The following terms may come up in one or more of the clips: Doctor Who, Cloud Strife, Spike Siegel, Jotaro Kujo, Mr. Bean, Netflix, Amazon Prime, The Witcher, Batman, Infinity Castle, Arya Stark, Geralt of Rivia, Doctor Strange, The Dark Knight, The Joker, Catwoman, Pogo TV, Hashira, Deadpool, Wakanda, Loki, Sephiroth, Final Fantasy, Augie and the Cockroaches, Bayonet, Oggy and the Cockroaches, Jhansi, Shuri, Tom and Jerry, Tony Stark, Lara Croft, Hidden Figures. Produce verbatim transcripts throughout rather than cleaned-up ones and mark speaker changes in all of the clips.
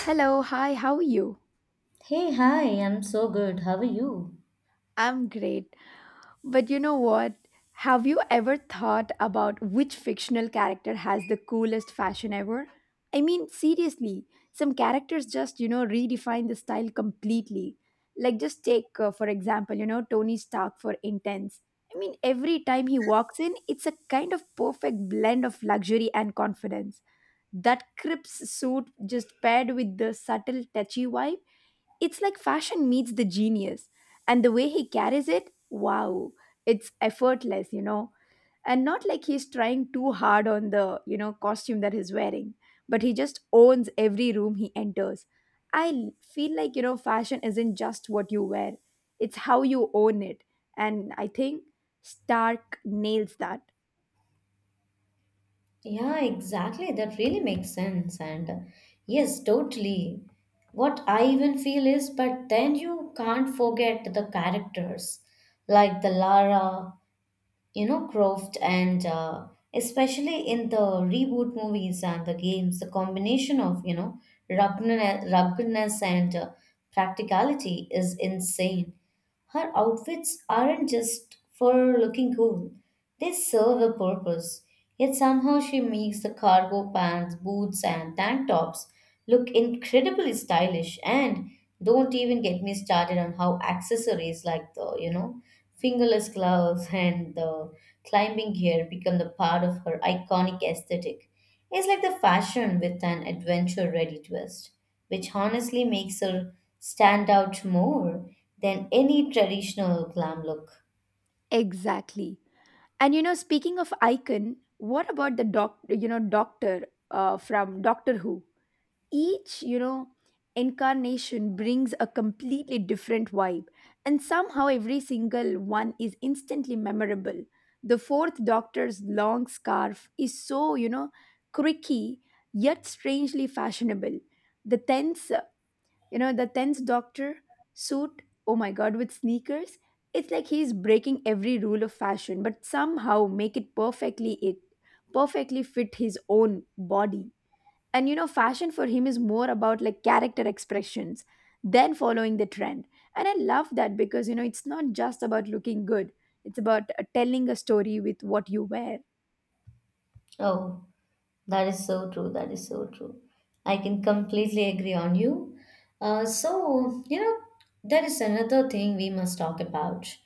Speaker 1: Hello, hi, how are you?
Speaker 2: Hey, hi, I'm so good. How are you?
Speaker 1: I'm great. But you know what? Have you ever thought about which fictional character has the coolest fashion ever? I mean, seriously, some characters just, you know, redefine the style completely. Like, just take, uh, for example, you know, Tony Stark for Intense. I mean, every time he walks in, it's a kind of perfect blend of luxury and confidence. That crisp suit just paired with the subtle, touchy vibe. It's like fashion meets the genius. And the way he carries it, wow, it's effortless, you know. And not like he's trying too hard on the, you know, costume that he's wearing, but he just owns every room he enters. I l- feel like, you know, fashion isn't just what you wear, it's how you own it. And I think Stark nails that.
Speaker 2: Yeah, exactly. That really makes sense. And yes, totally. What I even feel is, but then you can't forget the characters like the Lara, you know, Croft, and uh, especially in the reboot movies and the games, the combination of, you know, ruggedness ruggedness and uh, practicality is insane. Her outfits aren't just for looking cool, they serve a purpose. Yet somehow she makes the cargo pants, boots, and tank tops look incredibly stylish. And don't even get me started on how accessories like the, you know, fingerless gloves and the climbing gear become the part of her iconic aesthetic. It's like the fashion with an adventure ready twist, which honestly makes her stand out more than any traditional glam look.
Speaker 1: Exactly. And you know, speaking of icon, what about the doc, you know, doctor uh, from Doctor Who? Each, you know, incarnation brings a completely different vibe, and somehow every single one is instantly memorable. The fourth doctor's long scarf is so, you know, quirky, yet strangely fashionable. The tenth you know the tenth doctor suit, oh my god, with sneakers, it's like he's breaking every rule of fashion, but somehow make it perfectly it perfectly fit his own body. And you know, fashion for him is more about like character expressions than following the trend. And I love that because, you know, it's not just about looking good, it's about uh, telling a story with what you wear.
Speaker 2: Oh, that is so true. That is so true. I can completely agree on you. Uh, so, you know, there is another thing we must talk about.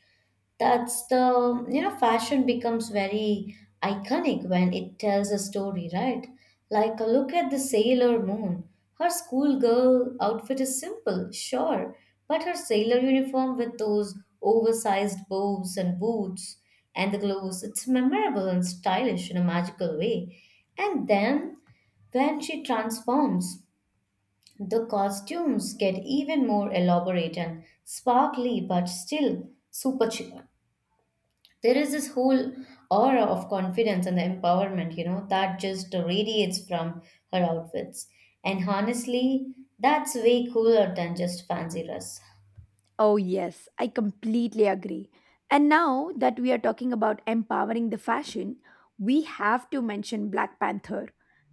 Speaker 2: That's the, you know, fashion becomes very iconic when it tells a story, right? Like, uh, look at the Sailor Moon. Her schoolgirl outfit is simple, sure, but her sailor uniform with those oversized bows and boots and the gloves, it's memorable and stylish in a magical way. And then, when she transforms, the costumes get even more elaborate and sparkly, but still super chic. There is this whole aura of confidence and the empowerment, you know, that just radiates from her outfits. And honestly, that's way cooler than just fancy dress.
Speaker 1: Oh, yes, I completely agree. And now that we are talking about empowering the fashion, we have to mention Black Panther.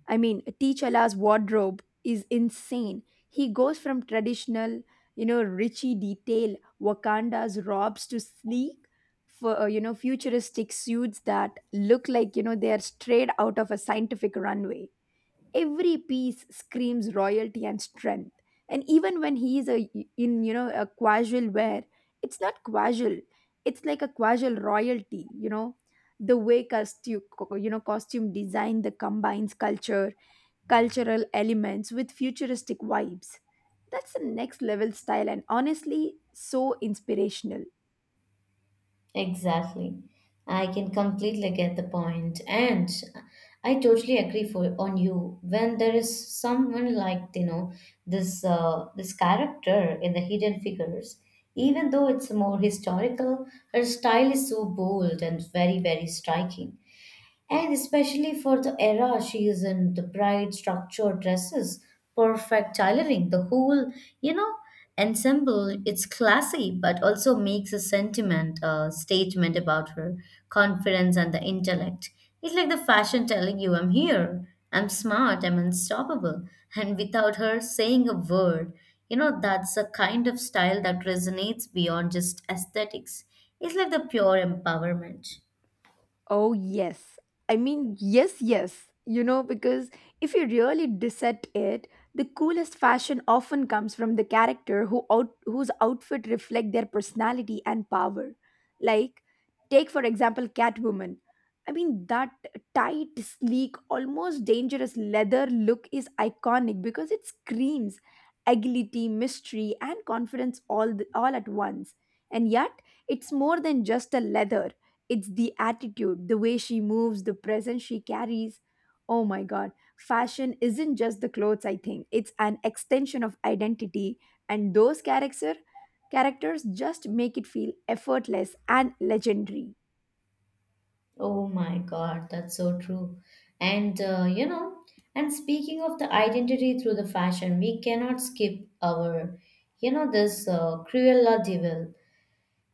Speaker 1: I mean, T'Challa's wardrobe is insane. He goes from traditional, you know, richy detail Wakanda's robes to sleek, for, uh, you know, futuristic suits that look like, you know, they are straight out of a scientific runway. Every piece screams royalty and strength. And even when he is a in you know a casual wear, it's not casual, it's like a casual royalty, you know. The way costume you know costume design that combines culture cultural elements with futuristic vibes, that's the next level style, and honestly so inspirational.
Speaker 2: Exactly. I can completely get the point, and I totally agree for on you. When there is someone like you know this uh, this character in the Hidden Figures, even though it's more historical, her style is so bold and very very striking. And especially for the era she is in, the bright structured dresses, perfect tailoring, the whole, you know, ensemble, it's classy, but also makes a sentiment, a statement about her confidence and the intellect. It's like the fashion telling you, I'm here, I'm smart, I'm unstoppable. And without her saying a word, you know, that's a kind of style that resonates beyond just aesthetics. It's like the pure empowerment.
Speaker 1: Oh, yes. I mean, yes, yes. You know, because if you really dissect it, the coolest fashion often comes from the character who out, whose outfit reflect their personality and power. Like, take for example Catwoman. I mean, that tight, sleek, almost dangerous leather look is iconic because it screams agility, mystery, and confidence all the, all at once. And yet, it's more than just a leather, it's the attitude, the way she moves, the presence she carries. Oh my God. Fashion isn't just the clothes, I think. It's an extension of identity. And those character characters just make it feel effortless and legendary.
Speaker 2: Oh my God, that's so true. And uh, you know, and speaking of the identity through the fashion, we cannot skip our, you know, this uh, Cruella de Vil.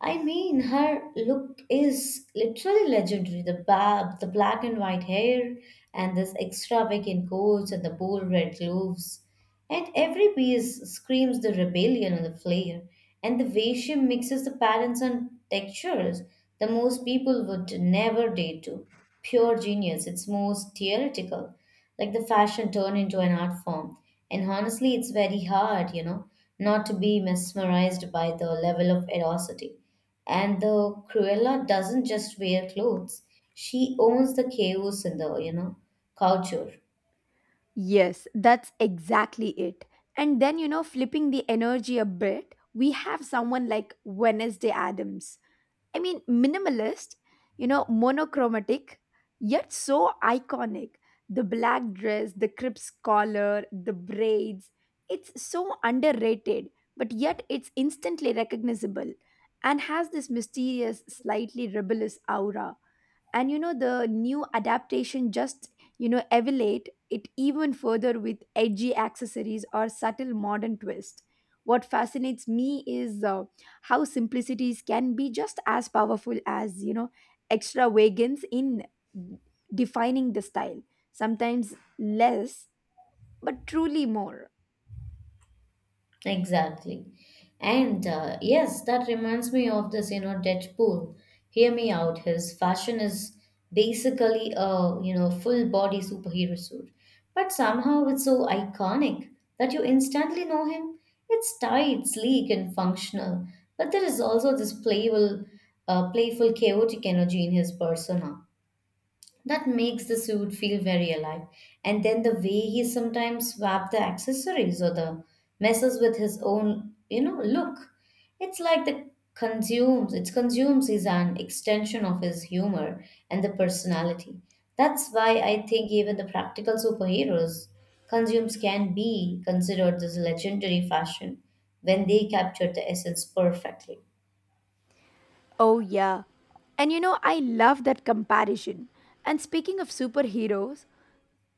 Speaker 2: I mean, her look is literally legendary. The bab, the black and white hair, and this extravagant coats and the bold red gloves. And every piece screams the rebellion and the flair. And the way she mixes the patterns and textures, the most people would never dare to. Pure genius. It's most theoretical. Like the fashion turned into an art form. And honestly, it's very hard, you know, not to be mesmerized by the level of erosity. And the Cruella doesn't just wear clothes; she owns the chaos in the you know culture.
Speaker 1: Yes, that's exactly it. And then, you know, flipping the energy a bit, we have someone like Wednesday Adams. I mean, minimalist, you know, monochromatic, yet so iconic. The black dress, the crisp collar, the braids. It's so underrated, but yet it's instantly recognizable, and has this mysterious, slightly rebellious aura. And you know, the new adaptation just, you know, elevate it even further with edgy accessories or subtle modern twist. What fascinates me is, uh, how simplicities can be just as powerful as, you know, extravagance in defining the style. Sometimes less, but truly more.
Speaker 2: Exactly. And uh, yes, that reminds me of this you know Deadpool. Hear me out. His fashion is basically a you know full body superhero suit, but somehow it's so iconic that you instantly know him. It's tight, sleek, and functional, but there is also this playful, uh, playful, chaotic energy in his persona. That makes the suit feel very alive. And then the way he sometimes swap the accessories or the messes with his own, you know, look. It's like the consumes, it consumes is an extension of his humor and the personality. That's why I think even the practical superheroes consumes can be considered this legendary fashion when they capture the essence perfectly.
Speaker 1: Oh yeah. And you know, I love that comparison. And speaking of superheroes,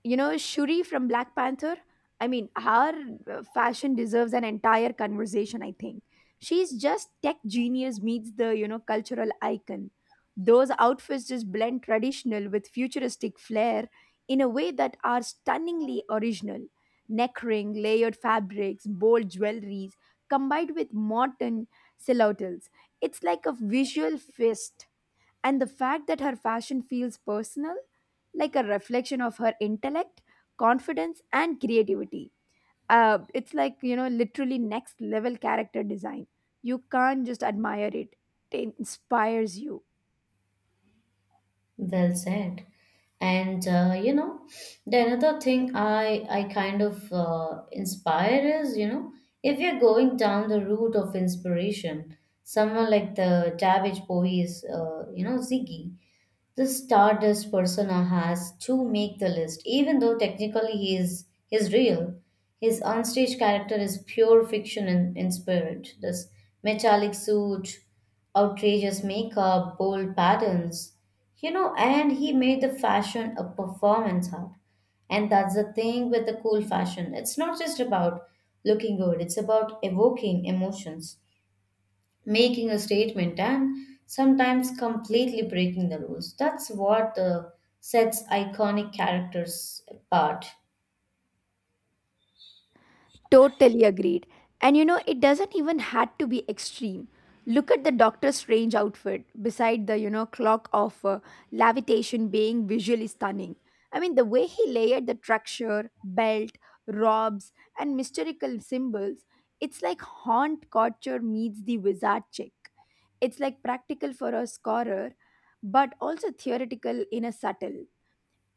Speaker 1: you know, Shuri from Black Panther. I mean, her, uh, fashion deserves an entire conversation, I think. She's just tech genius meets the, you know, cultural icon. Those outfits just blend traditional with futuristic flair in a way that are stunningly original. Neck ring, layered fabrics, bold jewelries combined with modern silhouettes, it's like a visual feast. And the fact that her fashion feels personal, like a reflection of her intellect, confidence, and creativity. Uh, it's like, you know, literally next level character design. You can't just admire it, it inspires you.
Speaker 2: Well said. And uh, you know, the another thing I I kind of uh, inspire is, you know, if you're going down the route of inspiration, someone like the Davish Bowie's, uh, you know, Ziggy. The Stardust persona has to make the list, even though technically he is he's real. His onstage character is pure fiction in, in spirit. This metallic suit, outrageous makeup, bold patterns, you know, and he made the fashion a performance art. And that's the thing with the cool fashion. It's not just about looking good, it's about evoking emotions making a statement and sometimes completely breaking the rules. That's what uh, sets iconic characters apart.
Speaker 1: Totally agreed. And you know, it doesn't even had to be extreme. Look at the Doctor Strange outfit beside the, you know, clock of uh, levitation, being visually stunning. I mean, the way he layered the structure, belt, robes, and mystical symbols, it's like haunt culture meets the wizard chick. It's like practical for a scorer, but also theoretical in a subtle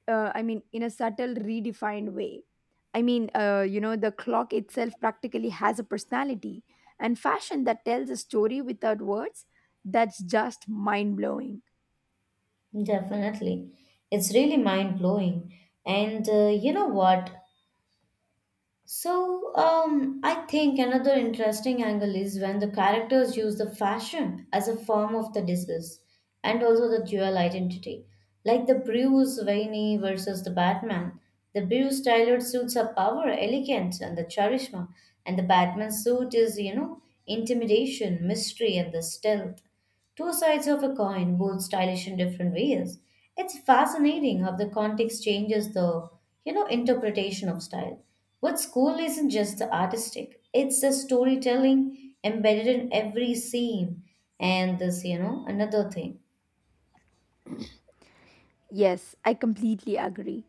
Speaker 1: uh, I mean, in a subtle, redefined way. I mean, uh, you know, the clock itself practically has a personality, and fashion that tells a story without words. That's just mind blowing.
Speaker 2: Definitely. It's really mind blowing. And uh, you know what? So, um, I think another interesting angle is when the characters use the fashion as a form of the disguise and also the dual identity. Like the Bruce Wayne versus the Batman. The Bruce tailored suits are power, elegance, and the charisma, and the Batman suit is, you know, intimidation, mystery, and the stealth. Two sides of a coin, both stylish in different ways. It's fascinating how the context changes the, you know, interpretation of style. What's cool isn't just the artistic; it's the storytelling embedded in every scene. And this, you know, another thing.
Speaker 1: Yes, I completely agree.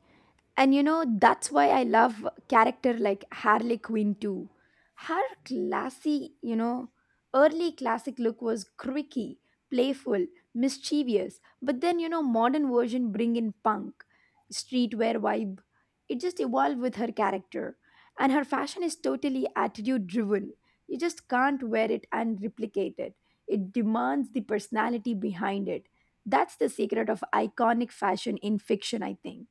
Speaker 1: And you know, that's why I love character like Harley Quinn too. Her classy, you know, early classic look was quirky, playful, mischievous. But then, you know, modern version bring in punk, streetwear vibe. It just evolved with her character. And her fashion is totally attitude driven. You just can't wear it and replicate it. It demands the personality behind it. That's the secret of iconic fashion in fiction, I think,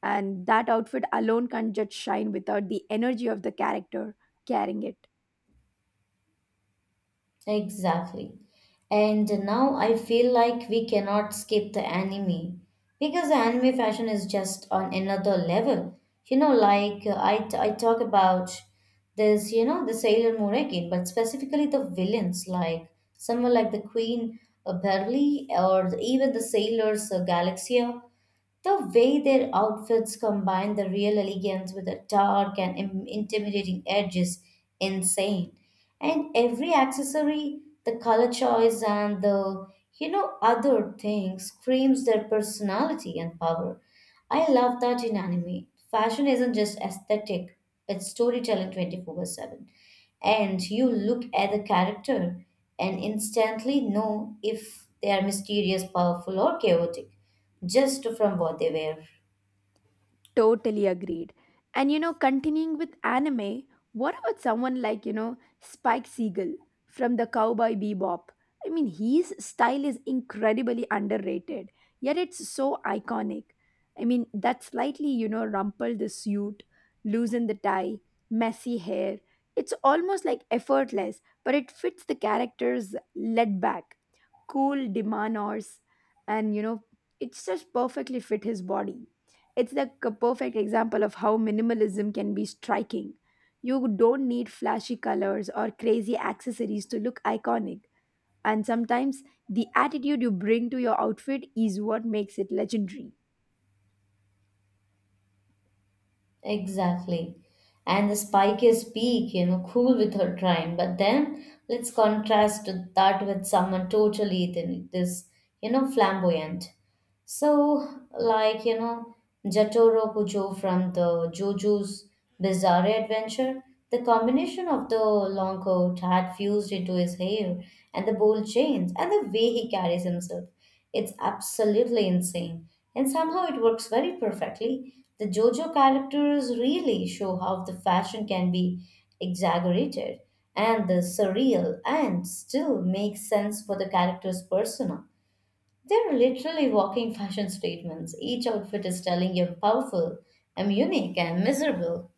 Speaker 1: and that outfit alone can't just shine without the energy of the character carrying it.
Speaker 2: Exactly. And now I feel like we cannot skip the anime because the anime fashion is just on another level. You know, like uh, I, t- I talk about this, you know, the Sailor Moon again, but specifically the villains, like someone like the Queen uh, Beverly or the- even the Sailors uh, Galaxia. The way their outfits combine the real elegance with the dark and im- intimidating edge is insane. And every accessory, the color choice, and the you know other things screams their personality and power. I love that in anime. Fashion isn't just aesthetic, it's storytelling twenty-four seven. And you look at the character and instantly know if they are mysterious, powerful, or chaotic, just from what they wear.
Speaker 1: Totally agreed. And you know, continuing with anime, what about someone like, you know, Spike Siegel from the Cowboy Bebop? I mean, his style is incredibly underrated, yet it's so iconic. I mean, that slightly, you know, rumple the suit, loosen the tie, messy hair. It's almost like effortless, but it fits the character's laid back, cool demeanors, and you know, it's just perfectly fit his body. It's the c- perfect example of how minimalism can be striking. You don't need flashy colors or crazy accessories to look iconic, and sometimes the attitude you bring to your outfit is what makes it legendary.
Speaker 2: Exactly. And the spike is peak, you know, cool with her crime. But then let's contrast that with someone totally th- this, you know, flamboyant. So, like, you know, Jotaro Kujo from the JoJo's Bizarre Adventure, the combination of the long coat hat fused into his hair and the bold chains and the way he carries himself, it's absolutely insane. And somehow it works very perfectly. The JoJo characters really show how the fashion can be exaggerated and the surreal and still makes sense for the character's persona. They're literally walking fashion statements. Each outfit is telling you I powerful, I'm unique, I'm miserable.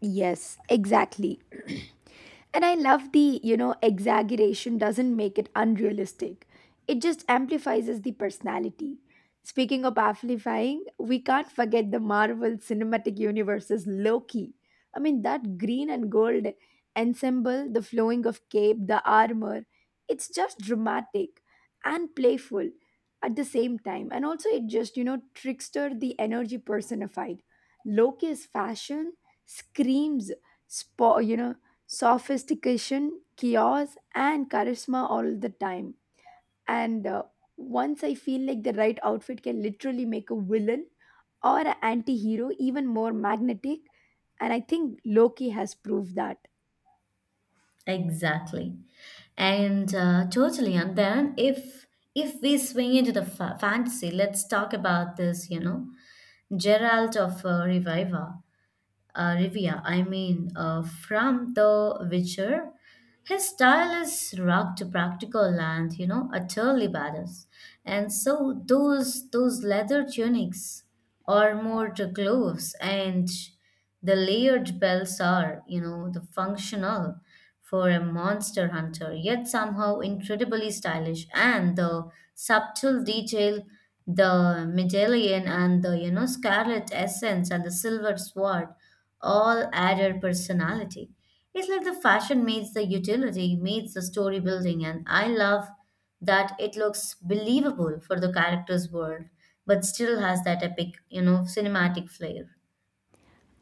Speaker 1: Yes, exactly. And I love the, you know, exaggeration doesn't make it unrealistic. It just amplifies the personality. Speaking of amplifying, we can't forget the Marvel Cinematic Universe's Loki. I mean, that green and gold ensemble, the flowing of cape, the armor, it's just dramatic and playful at the same time. And also, it just, you know, trickster the energy personified. Loki's fashion screams spo- you know sophistication, chaos, and charisma all the time. And uh, once I feel like the right outfit can literally make a villain or an anti hero even more magnetic, and I think Loki has proved that.
Speaker 2: Exactly. And uh, totally. And then if if we swing into the fa- fantasy, let's talk about this, you know, Geralt of uh, Reviva. Uh, Rivia, I mean, uh, from The Witcher. His style is rock to practical and, you know, utterly badass. And so those those leather tunics or more to gloves and the layered belts are, you know, the functional for a monster hunter, yet somehow incredibly stylish. And the subtle detail, the medallion and the you know scarlet essence and the silver sword all added personality. It's like the fashion meets the utility, meets the story building, and I love that it looks believable for the character's world, but still has that epic, you know, cinematic flair.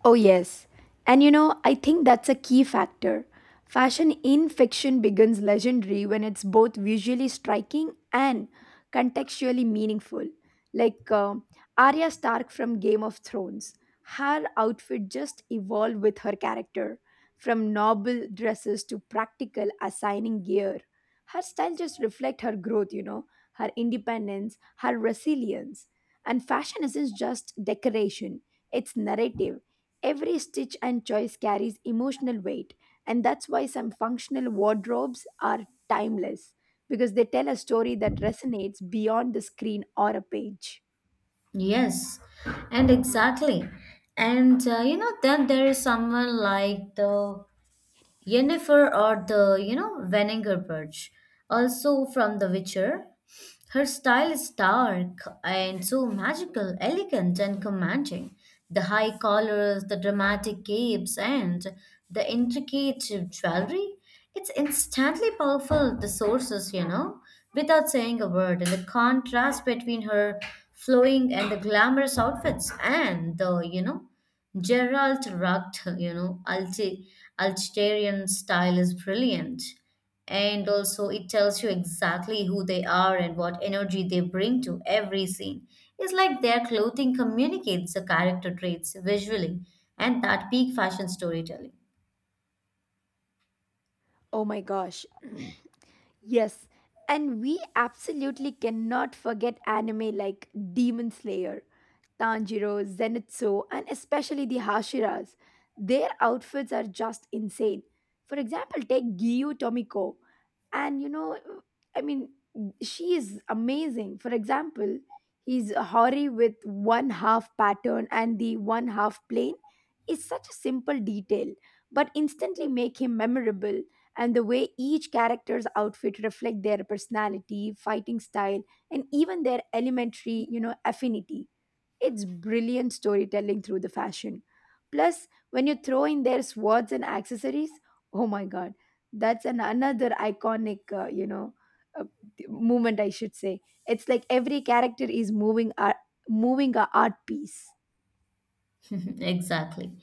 Speaker 1: Oh, yes. And you know, I think that's a key factor. Fashion in fiction becomes legendary when it's both visually striking and contextually meaningful. Like uh, Arya Stark from Game of Thrones, her outfit just evolved with her character, from noble dresses to practical assigning gear. Her style just reflects her growth, you know, her independence, her resilience. And fashion isn't just decoration, it's narrative. Every stitch and choice carries emotional weight, and that's why some functional wardrobes are timeless because they tell a story that resonates beyond the screen or a page.
Speaker 2: Yes, and exactly. And uh, you know, then there is someone like the Yennefer or the, you know, Veninger also from The Witcher. Her style is stark and so magical, elegant, and commanding. The high collars, the dramatic capes, and the intricate jewelry. It's instantly powerful, the sources, you know, without saying a word. And the contrast between her flowing and the glamorous outfits and the, you know, Gerald Rugged, you know, Alti- Alterian style is brilliant and also it tells you exactly who they are and what energy they bring to every scene. It's like their clothing communicates the character traits visually and that peak fashion storytelling.
Speaker 1: Oh my gosh. Yes. And we absolutely cannot forget anime like Demon Slayer, Tanjiro, Zenitsu, and especially the Hashiras. Their outfits are just insane. For example, take Gyu Tomiko. And you know, I mean, she is amazing. For example, his hori with one half pattern and the one half plane is such a simple detail, but instantly make him memorable. And the way each character's outfit reflect their personality, fighting style, and even their elementary, you know, affinity, it's brilliant storytelling through the fashion. Plus, when you throw in their swords and accessories, oh my god, that's an another iconic, uh, you know uh, movement, I should say. It's like every character is moving art, moving a art piece.
Speaker 2: Exactly.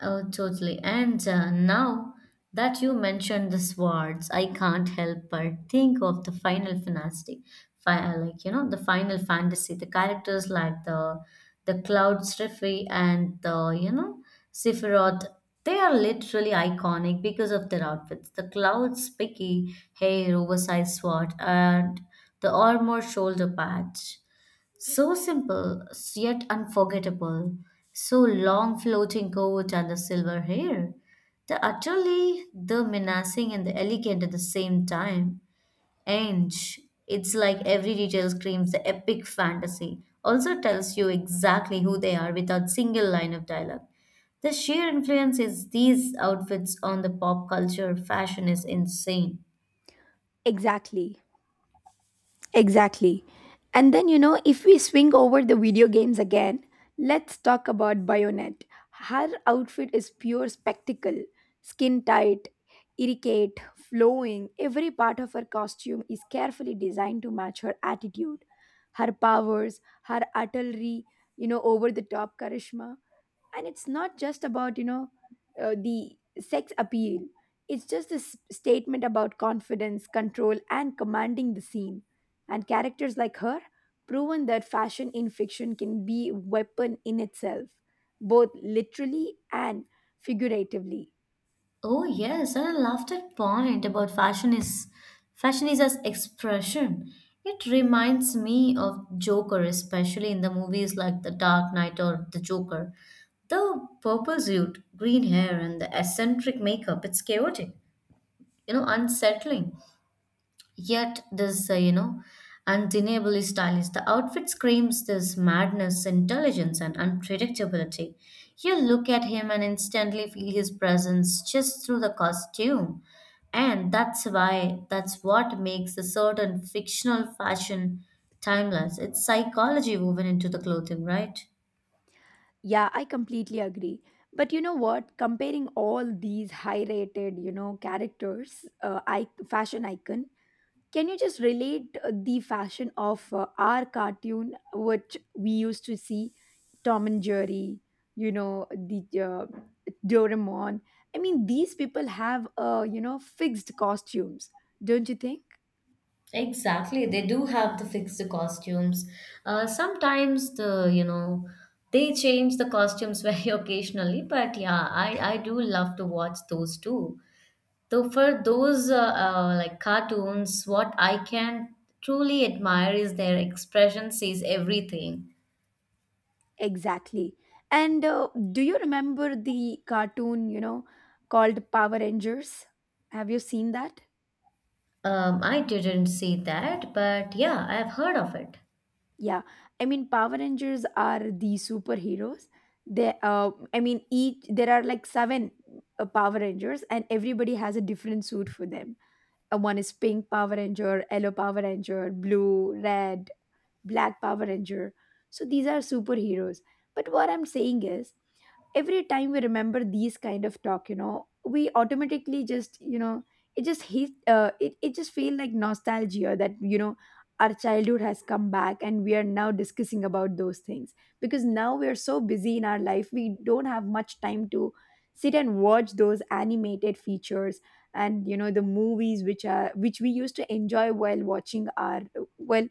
Speaker 2: Oh, totally. And uh, now that you mentioned the swords, I can't help but think of the final fantasy. Fi- uh, like, you know, the final fantasy, the characters like the the Cloud Striffy and the, you know, Sephiroth, they are literally iconic because of their outfits. The Cloud's spiky hair, oversized sword, and the armor shoulder patch. So simple, yet unforgettable. So long floating coat and the silver hair. The utterly, the menacing and the elegant at the same time. And it's like every detail screams the epic fantasy. Also tells you exactly who they are without single line of dialogue. The sheer influence is these outfits on the pop culture fashion is insane.
Speaker 1: Exactly. Exactly. And then, you know, if we swing over the video games again, let's talk about Bayonet. Her outfit is pure spectacle, skin tight, irrigate, flowing. Every part of her costume is carefully designed to match her attitude, her powers, her artillery, you know, over the top charisma. And it's not just about, you know, uh, the sex appeal, it's just this statement about confidence, control, and commanding the scene. And characters like her proven that fashion in fiction can be a weapon in itself, both literally and figuratively.
Speaker 2: Oh yes, and I love that point about fashion is fashion is as expression. It reminds me of Joker, especially in the movies like The Dark Knight or The Joker. The purple suit, green hair, and the eccentric makeup, it's chaotic, you know, unsettling. Yet this, uh, you know, undeniably stylish. The outfit screams this madness, intelligence, and unpredictability. You look at him and instantly feel his presence just through the costume. And that's why, that's what makes a certain fictional fashion timeless. It's psychology woven into the clothing, right?
Speaker 1: Yeah, I completely agree. But you know what, comparing all these high rated, you know, characters, uh, I- fashion icon. Can you just relate uh, the fashion of uh, our cartoon, which we used to see, Tom and Jerry, you know, the uh, Doraemon? I mean, these people have, uh, you know, fixed costumes, don't you think?
Speaker 2: Exactly, they do have to fix the costumes. Uh, sometimes the you know they change the costumes very occasionally, but yeah, I I do love to watch those too. Though for those uh, uh, like cartoons, what I can truly admire is their expression says everything.
Speaker 1: Exactly. And uh, do you remember the cartoon, you know, called Power Rangers? Have you seen that?
Speaker 2: Um, I didn't see that, but yeah, I've heard of it.
Speaker 1: Yeah, I mean, Power Rangers are the superheroes. They, uh, I mean, each, there are like seven uh, Power Rangers, and everybody has a different suit for them. Uh, one is pink Power Ranger, yellow Power Ranger, blue, red, black Power Ranger. So these are superheroes. But what I'm saying is, every time we remember these kind of talk you know we automatically just you know it just hit uh, it, it just feel like nostalgia that you know our childhood has come back and we are now discussing about those things because now we are so busy in our life we don't have much time to sit and watch those animated features and you know the movies which are which we used to enjoy while watching our well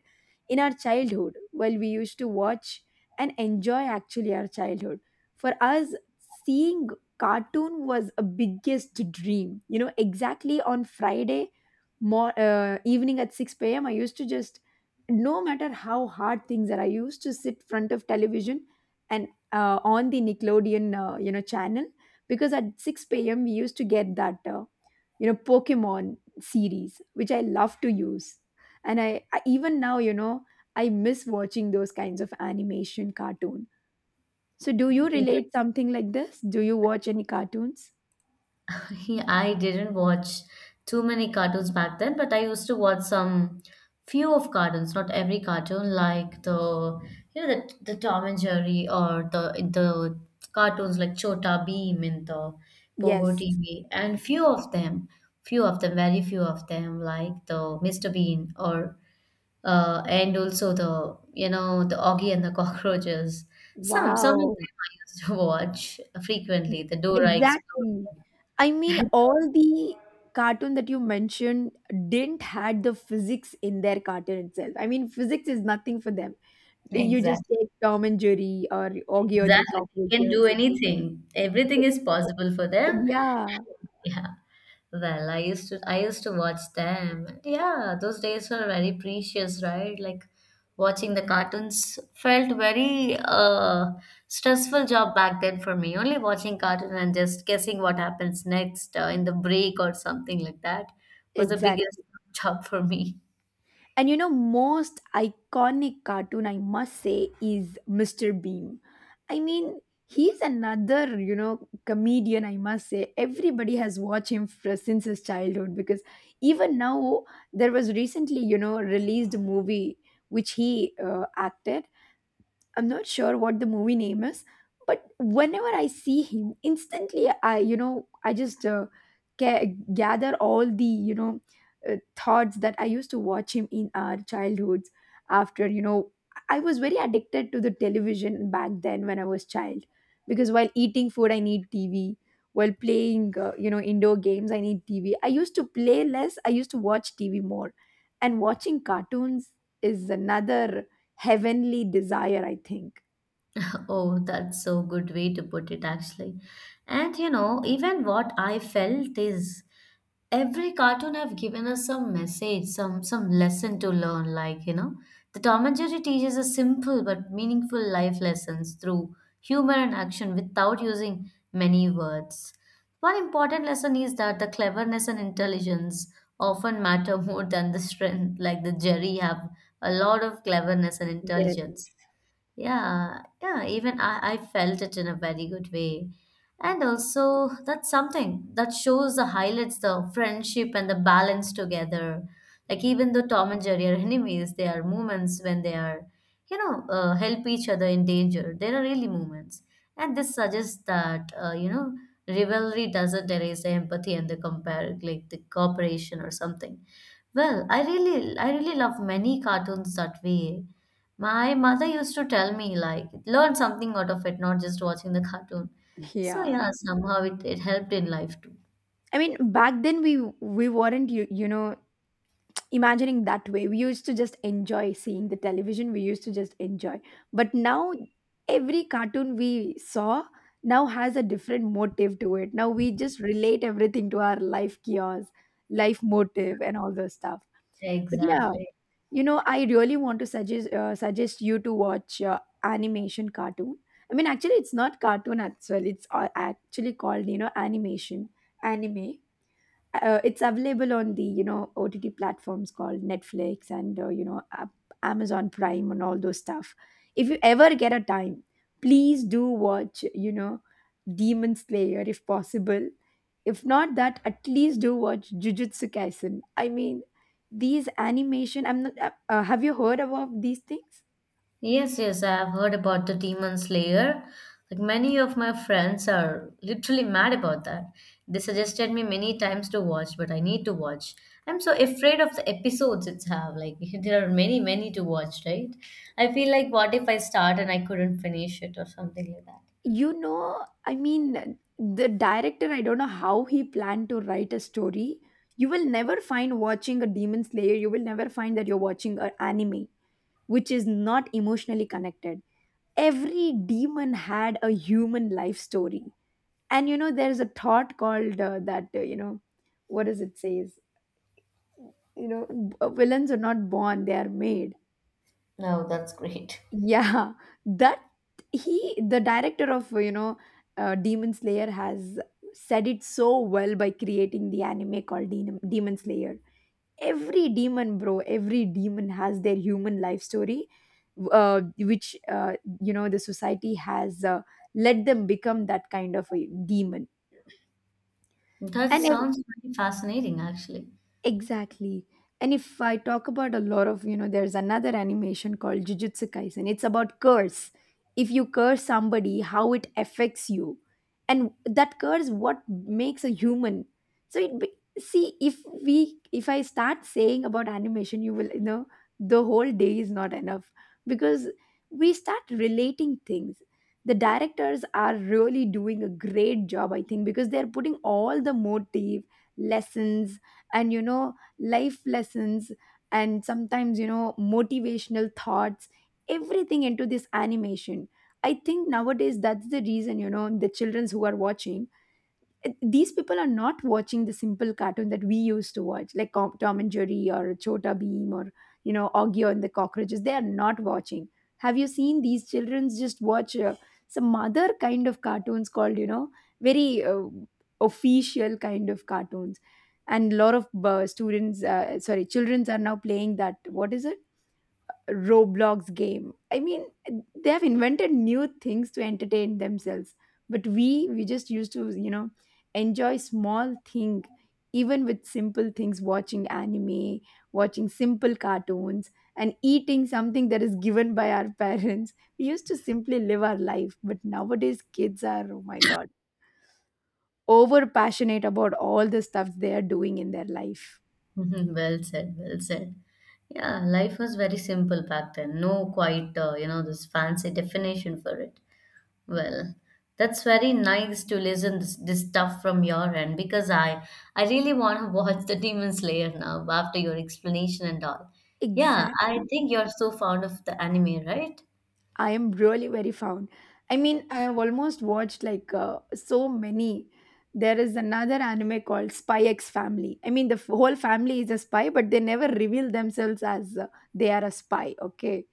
Speaker 1: in our childhood while we used to watch and enjoy actually our childhood for us seeing cartoon was a biggest dream you know exactly on Friday more uh, evening at six p.m. I used to just, no matter how hard things are, I used to sit front of television and uh, on the Nickelodeon uh, you know channel because at six p.m. we used to get that uh, you know Pokemon series which I love to use. And I, I even now you know I miss watching those kinds of animation cartoon. So, do you relate something like this? Do you watch any cartoons?
Speaker 2: I didn't watch too many cartoons back then, but I used to watch some few of cartoons, not every cartoon, like the you know the, the Tom and Jerry or the the cartoons like Chota Beam and the Pogo
Speaker 1: Yes.
Speaker 2: T V, and few of them, few of them, very few of them, like the mister Bean or uh, and also the you know the Augie and the Cockroaches. Some some of them
Speaker 1: Wow.
Speaker 2: I used to watch frequently. The Dora Explorer.
Speaker 1: Exactly. I mean, all the cartoon that you mentioned didn't had the physics in their cartoon itself. I mean, physics is nothing for them. You just
Speaker 2: Exactly.
Speaker 1: take Tom and Jerry or Augie and the
Speaker 2: Exactly. They can do
Speaker 1: Cockroaches.
Speaker 2: anything. Everything is possible for them.
Speaker 1: Yeah,
Speaker 2: Yeah. Well, I used to I used to watch them. And yeah, those days were very precious, right? Like watching the cartoons felt very uh stressful job back then for me. Only watching cartoon and just guessing what happens next uh, in the break or something like that was the biggest
Speaker 1: exactly.
Speaker 2: job for me.
Speaker 1: And you know, most iconic cartoon, I must say, is mister Bean. I mean, he's another, you know, comedian, I must say. Everybody has watched him fr- since his childhood because even now, there was recently, you know, released a movie which he uh, acted. I'm not sure what the movie name is, but whenever I see him, instantly I, you know, I just uh, ga- gather all the, you know, uh, thoughts that I used to watch him in our childhoods. After, you know, I was very addicted to the television back then when I was child, because while eating food, I need T V. While playing, uh, you know, indoor games, I need T V. I used to play less. I used to watch T V more, and watching cartoons is another heavenly desire, I think.
Speaker 2: Oh, that's so good way to put it actually. And you know, even what I felt is every cartoon have given us some message, some some lesson to learn. Like you know, the Tom and Jerry teaches us simple but meaningful life lessons through humor and action without using many words. One important lesson is that the cleverness and intelligence often matter more than the strength. Like the Jerry have a lot of cleverness and
Speaker 1: Yes.
Speaker 2: intelligence, yeah, yeah, even I, I felt it in a very good way. And also, that's something that shows the highlights the friendship and the balance together. Like, even though Tom and Jerry are enemies, there are moments when they are, you know, uh, help each other in danger. There are really moments. And this suggests that, uh, you know, rivalry doesn't erase the empathy and the compare, like the cooperation or something. Well, I really, I really love many cartoons that way my mother used to tell me like learn something out of it, not just watching the cartoon. So
Speaker 1: Yeah.
Speaker 2: yeah, somehow it, it helped in life too.
Speaker 1: I mean, back then we we weren't, you you know imagining that way. We used to just enjoy seeing the television, we used to just enjoy. But now every cartoon we saw now has a different motive to it. Now we just relate everything to our life chaos, life motive, and all those stuff. But yeah,
Speaker 2: Exactly.
Speaker 1: you know, I really want to suggest uh, suggest you to watch uh, animation cartoon. I mean, actually it's not cartoon as well, it's a- actually called, you know, animation, anime. Uh, it's available on the, you know, O T T platforms called Netflix and uh, you know uh, Amazon Prime and all those stuff. If you ever get a time, please do watch, you know, Demon Slayer if possible. If not that, at least do watch Jujutsu Kaisen. I mean, these animation. I'm not. Uh, uh, have you heard about these things?
Speaker 2: Yes, yes, I have heard about the Demon Slayer. Like many of my friends are literally mad about that. They suggested me many times to watch, but I need to watch. I'm so afraid of the episodes it's have. Like there are many, many to watch, right? I feel like what if I start and I couldn't finish it or something like that.
Speaker 1: You know, I mean, the director, I don't know how he planned to write a story. You will never find watching a Demon Slayer, you will never find that you're watching an anime, which is not emotionally connected. Every demon had a human life story. And you know, there's a thought called uh, that, uh, you know, what does it say? You know, b- villains are not born, they are made.
Speaker 2: No, that's great.
Speaker 1: Yeah, that he, the director of, you know, uh, Demon Slayer has said it so well by creating the anime called Dem- Demon Slayer. Every demon, bro, every demon has their human life story, uh, which, uh, you know, the society has uh, let them become that kind of a demon.
Speaker 2: That
Speaker 1: And
Speaker 2: sounds very fascinating, actually.
Speaker 1: exactly. And if I talk about a lot of, you know, there's another animation called Jujutsu Kaisen. It's about curse. If you curse somebody, how it affects you. And that curse what makes a human. So it be, see if we if I start saying about animation, you will, you know, the whole day is not enough, because we start relating things. The directors are really doing a great job, I think, because they're putting all the motive, lessons, and you know, life lessons, and sometimes you know, motivational thoughts, everything into this animation. I think nowadays that's the reason, you know, the childrens who are watching, these people are not watching the simple cartoon that we used to watch, like Com- Tom and Jerry or Chota Beam or you know Augie and the Cockroaches. They are not watching. Have you seen these children just watch uh, some other kind of cartoons called, you know, very uh, official kind of cartoons? And a lot of uh, students, uh, sorry, childrens are now playing that. What is it? Roblox game. I mean, they have invented new things to entertain themselves. But we, we just used to, you know, enjoy small thing, even with simple things, watching anime, watching simple cartoons, and eating something that is given by our parents. We used to simply live our life. But nowadays, kids are, oh my God, over passionate about all the stuff they are doing in their life.
Speaker 2: Well said, well said. Yeah, life was very simple back then. No quite, uh, you know, this fancy definition for it. Well, that's very nice to listen this, this stuff from your end because I I really want to watch the Demon Slayer now after your explanation and all. Yeah, I
Speaker 1: Exactly.
Speaker 2: think you're so fond of the anime, right?
Speaker 1: I am really very fond. I mean, I have almost watched like uh, so many. There is another anime called Spy X Family. I mean, the f- whole family is a spy, but they never reveal themselves as uh, they are a spy. Okay,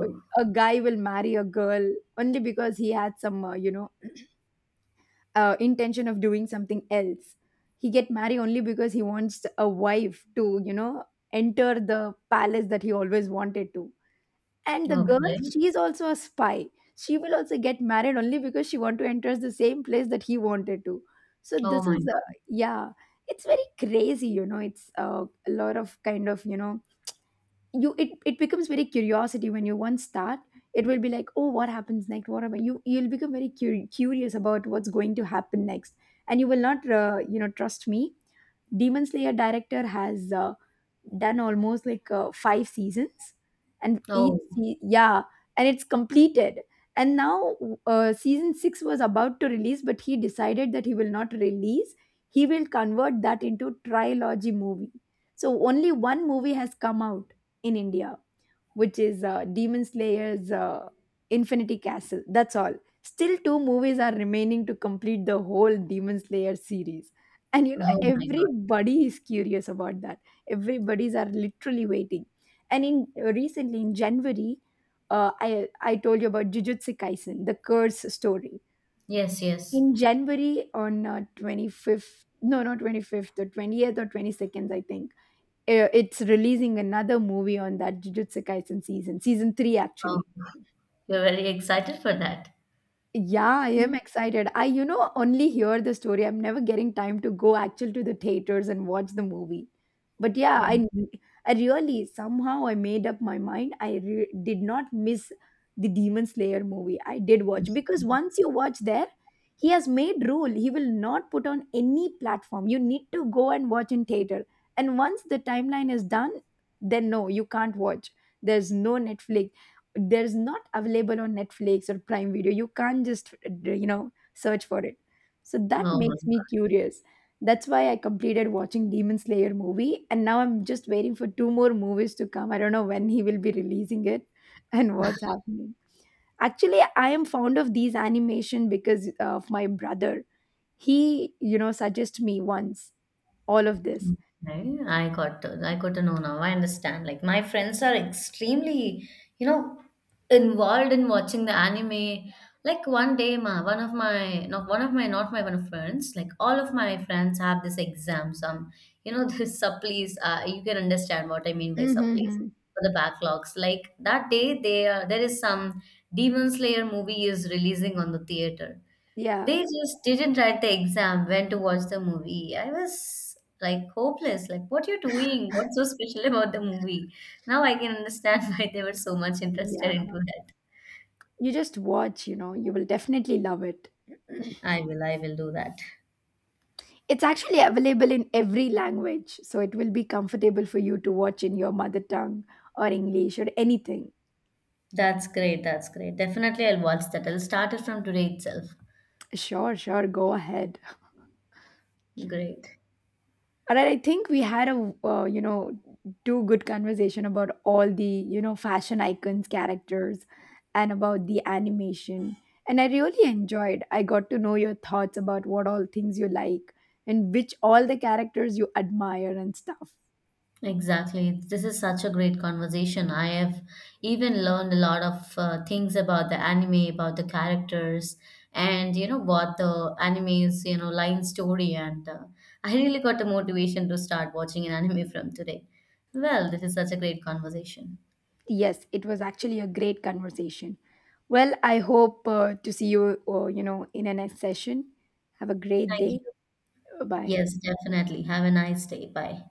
Speaker 1: a a guy will marry a girl only because he had some, uh, you know, uh, intention of doing something else. He get married only because he wants a wife to, you know, enter the palace that he always wanted to. And the girl,
Speaker 2: okay.
Speaker 1: she is also a spy. She will also get married only because she want to enter the same place that he wanted to. So
Speaker 2: Oh
Speaker 1: this
Speaker 2: my
Speaker 1: is uh,
Speaker 2: God.
Speaker 1: yeah, it's very crazy, you know, it's uh, a lot of kind of, you know, you it, it becomes very curiosity when you once start. It will be like, oh, what happens next? What about you you'll become very cur- curious about what's going to happen next. And you will not uh, you know, trust me, Demon Slayer director has uh, done almost like uh, five seasons. And each
Speaker 2: Oh,
Speaker 1: se- yeah, and it's completed. And now uh, season six was about to release, but he decided that he will not release, he will convert that into trilogy movie. So only one movie has come out in India, which is uh, Demon Slayer's uh, Infinity Castle. That's all. Still, two movies are remaining to complete the whole Demon Slayer series. And you know,
Speaker 2: oh my God.
Speaker 1: everybody is curious about that. Everybody's are literally waiting. And in uh, recently in January, uh, I I told you about Jujutsu Kaisen, the curse story.
Speaker 2: Yes, yes.
Speaker 1: In January on uh, twenty-fifth, no, not twenty-fifth, the twentieth or twenty-second, I think uh, it's releasing another movie on that Jujutsu Kaisen season, season three
Speaker 2: Oh.
Speaker 1: actually.
Speaker 2: You're very excited for that.
Speaker 1: Yeah, I am excited. I, you know, only hear the story. I'm never getting time to go actually to the theaters and watch the movie. But yeah,
Speaker 2: Mm.
Speaker 1: I, I really somehow I made up my mind. I re did not miss the Demon Slayer movie. I did watch because once you watch there, he has made rule. He will not put on any platform. You need to go and watch in theater. And once the timeline is done, then no, you can't watch. There's no Netflix there's not available on Netflix or Prime Video, you can't just uh, you know, search for it. So that
Speaker 2: Oh my
Speaker 1: makes me
Speaker 2: God.
Speaker 1: curious. That's why I completed watching Demon Slayer movie, and now I'm just waiting for two more movies to come. I don't know when he will be releasing it and what's happening. Actually, I am fond of these animation because of my brother. He, you know, suggested me once all of this.
Speaker 2: Okay. I got to, I got to know now. I understand. Like my friends are extremely, you know, involved in watching the anime. Like one day, ma, one of my not one of my not my one of friends. Like all of my friends have this exam. Some, you know, this supplies. Uh, you can understand what I mean by supplies
Speaker 1: Mm-hmm.
Speaker 2: for the backlogs. Like that day, there there is some Demon Slayer movie is releasing on the theater.
Speaker 1: Yeah,
Speaker 2: They just didn't write the exam when to watch the movie. I was like hopeless. Like, what you're doing? What's so special about the movie? Now I can understand why they were so much interested
Speaker 1: yeah,
Speaker 2: into that.
Speaker 1: you just watch, you know, you will definitely love it.
Speaker 2: I will, I will do that.
Speaker 1: It's actually available in every language, so it will be comfortable for you to watch in your mother tongue or English or anything.
Speaker 2: That's great, that's great. Definitely I'll watch that. I'll start it from today itself.
Speaker 1: Sure, sure, go ahead.
Speaker 2: Great.
Speaker 1: All right, I think we had a uh, you know two good conversation about all the you know fashion icons characters and about the animation, and I really enjoyed. I got to know your thoughts about what all things you like and which all the characters you admire and stuff.
Speaker 2: Exactly. This is such a great conversation. I have even learned a lot of uh, things about the anime, about the characters, and you know what the anime's you know line story. And uh, I really got the motivation to start watching an anime from today. Well, this is such a great conversation.
Speaker 1: Yes, it was actually a great conversation. Well, I hope uh, to see you, uh, you know, in a next session. Have a great
Speaker 2: Thank you.
Speaker 1: day. Bye.
Speaker 2: Yes, definitely. Have a nice day. Bye.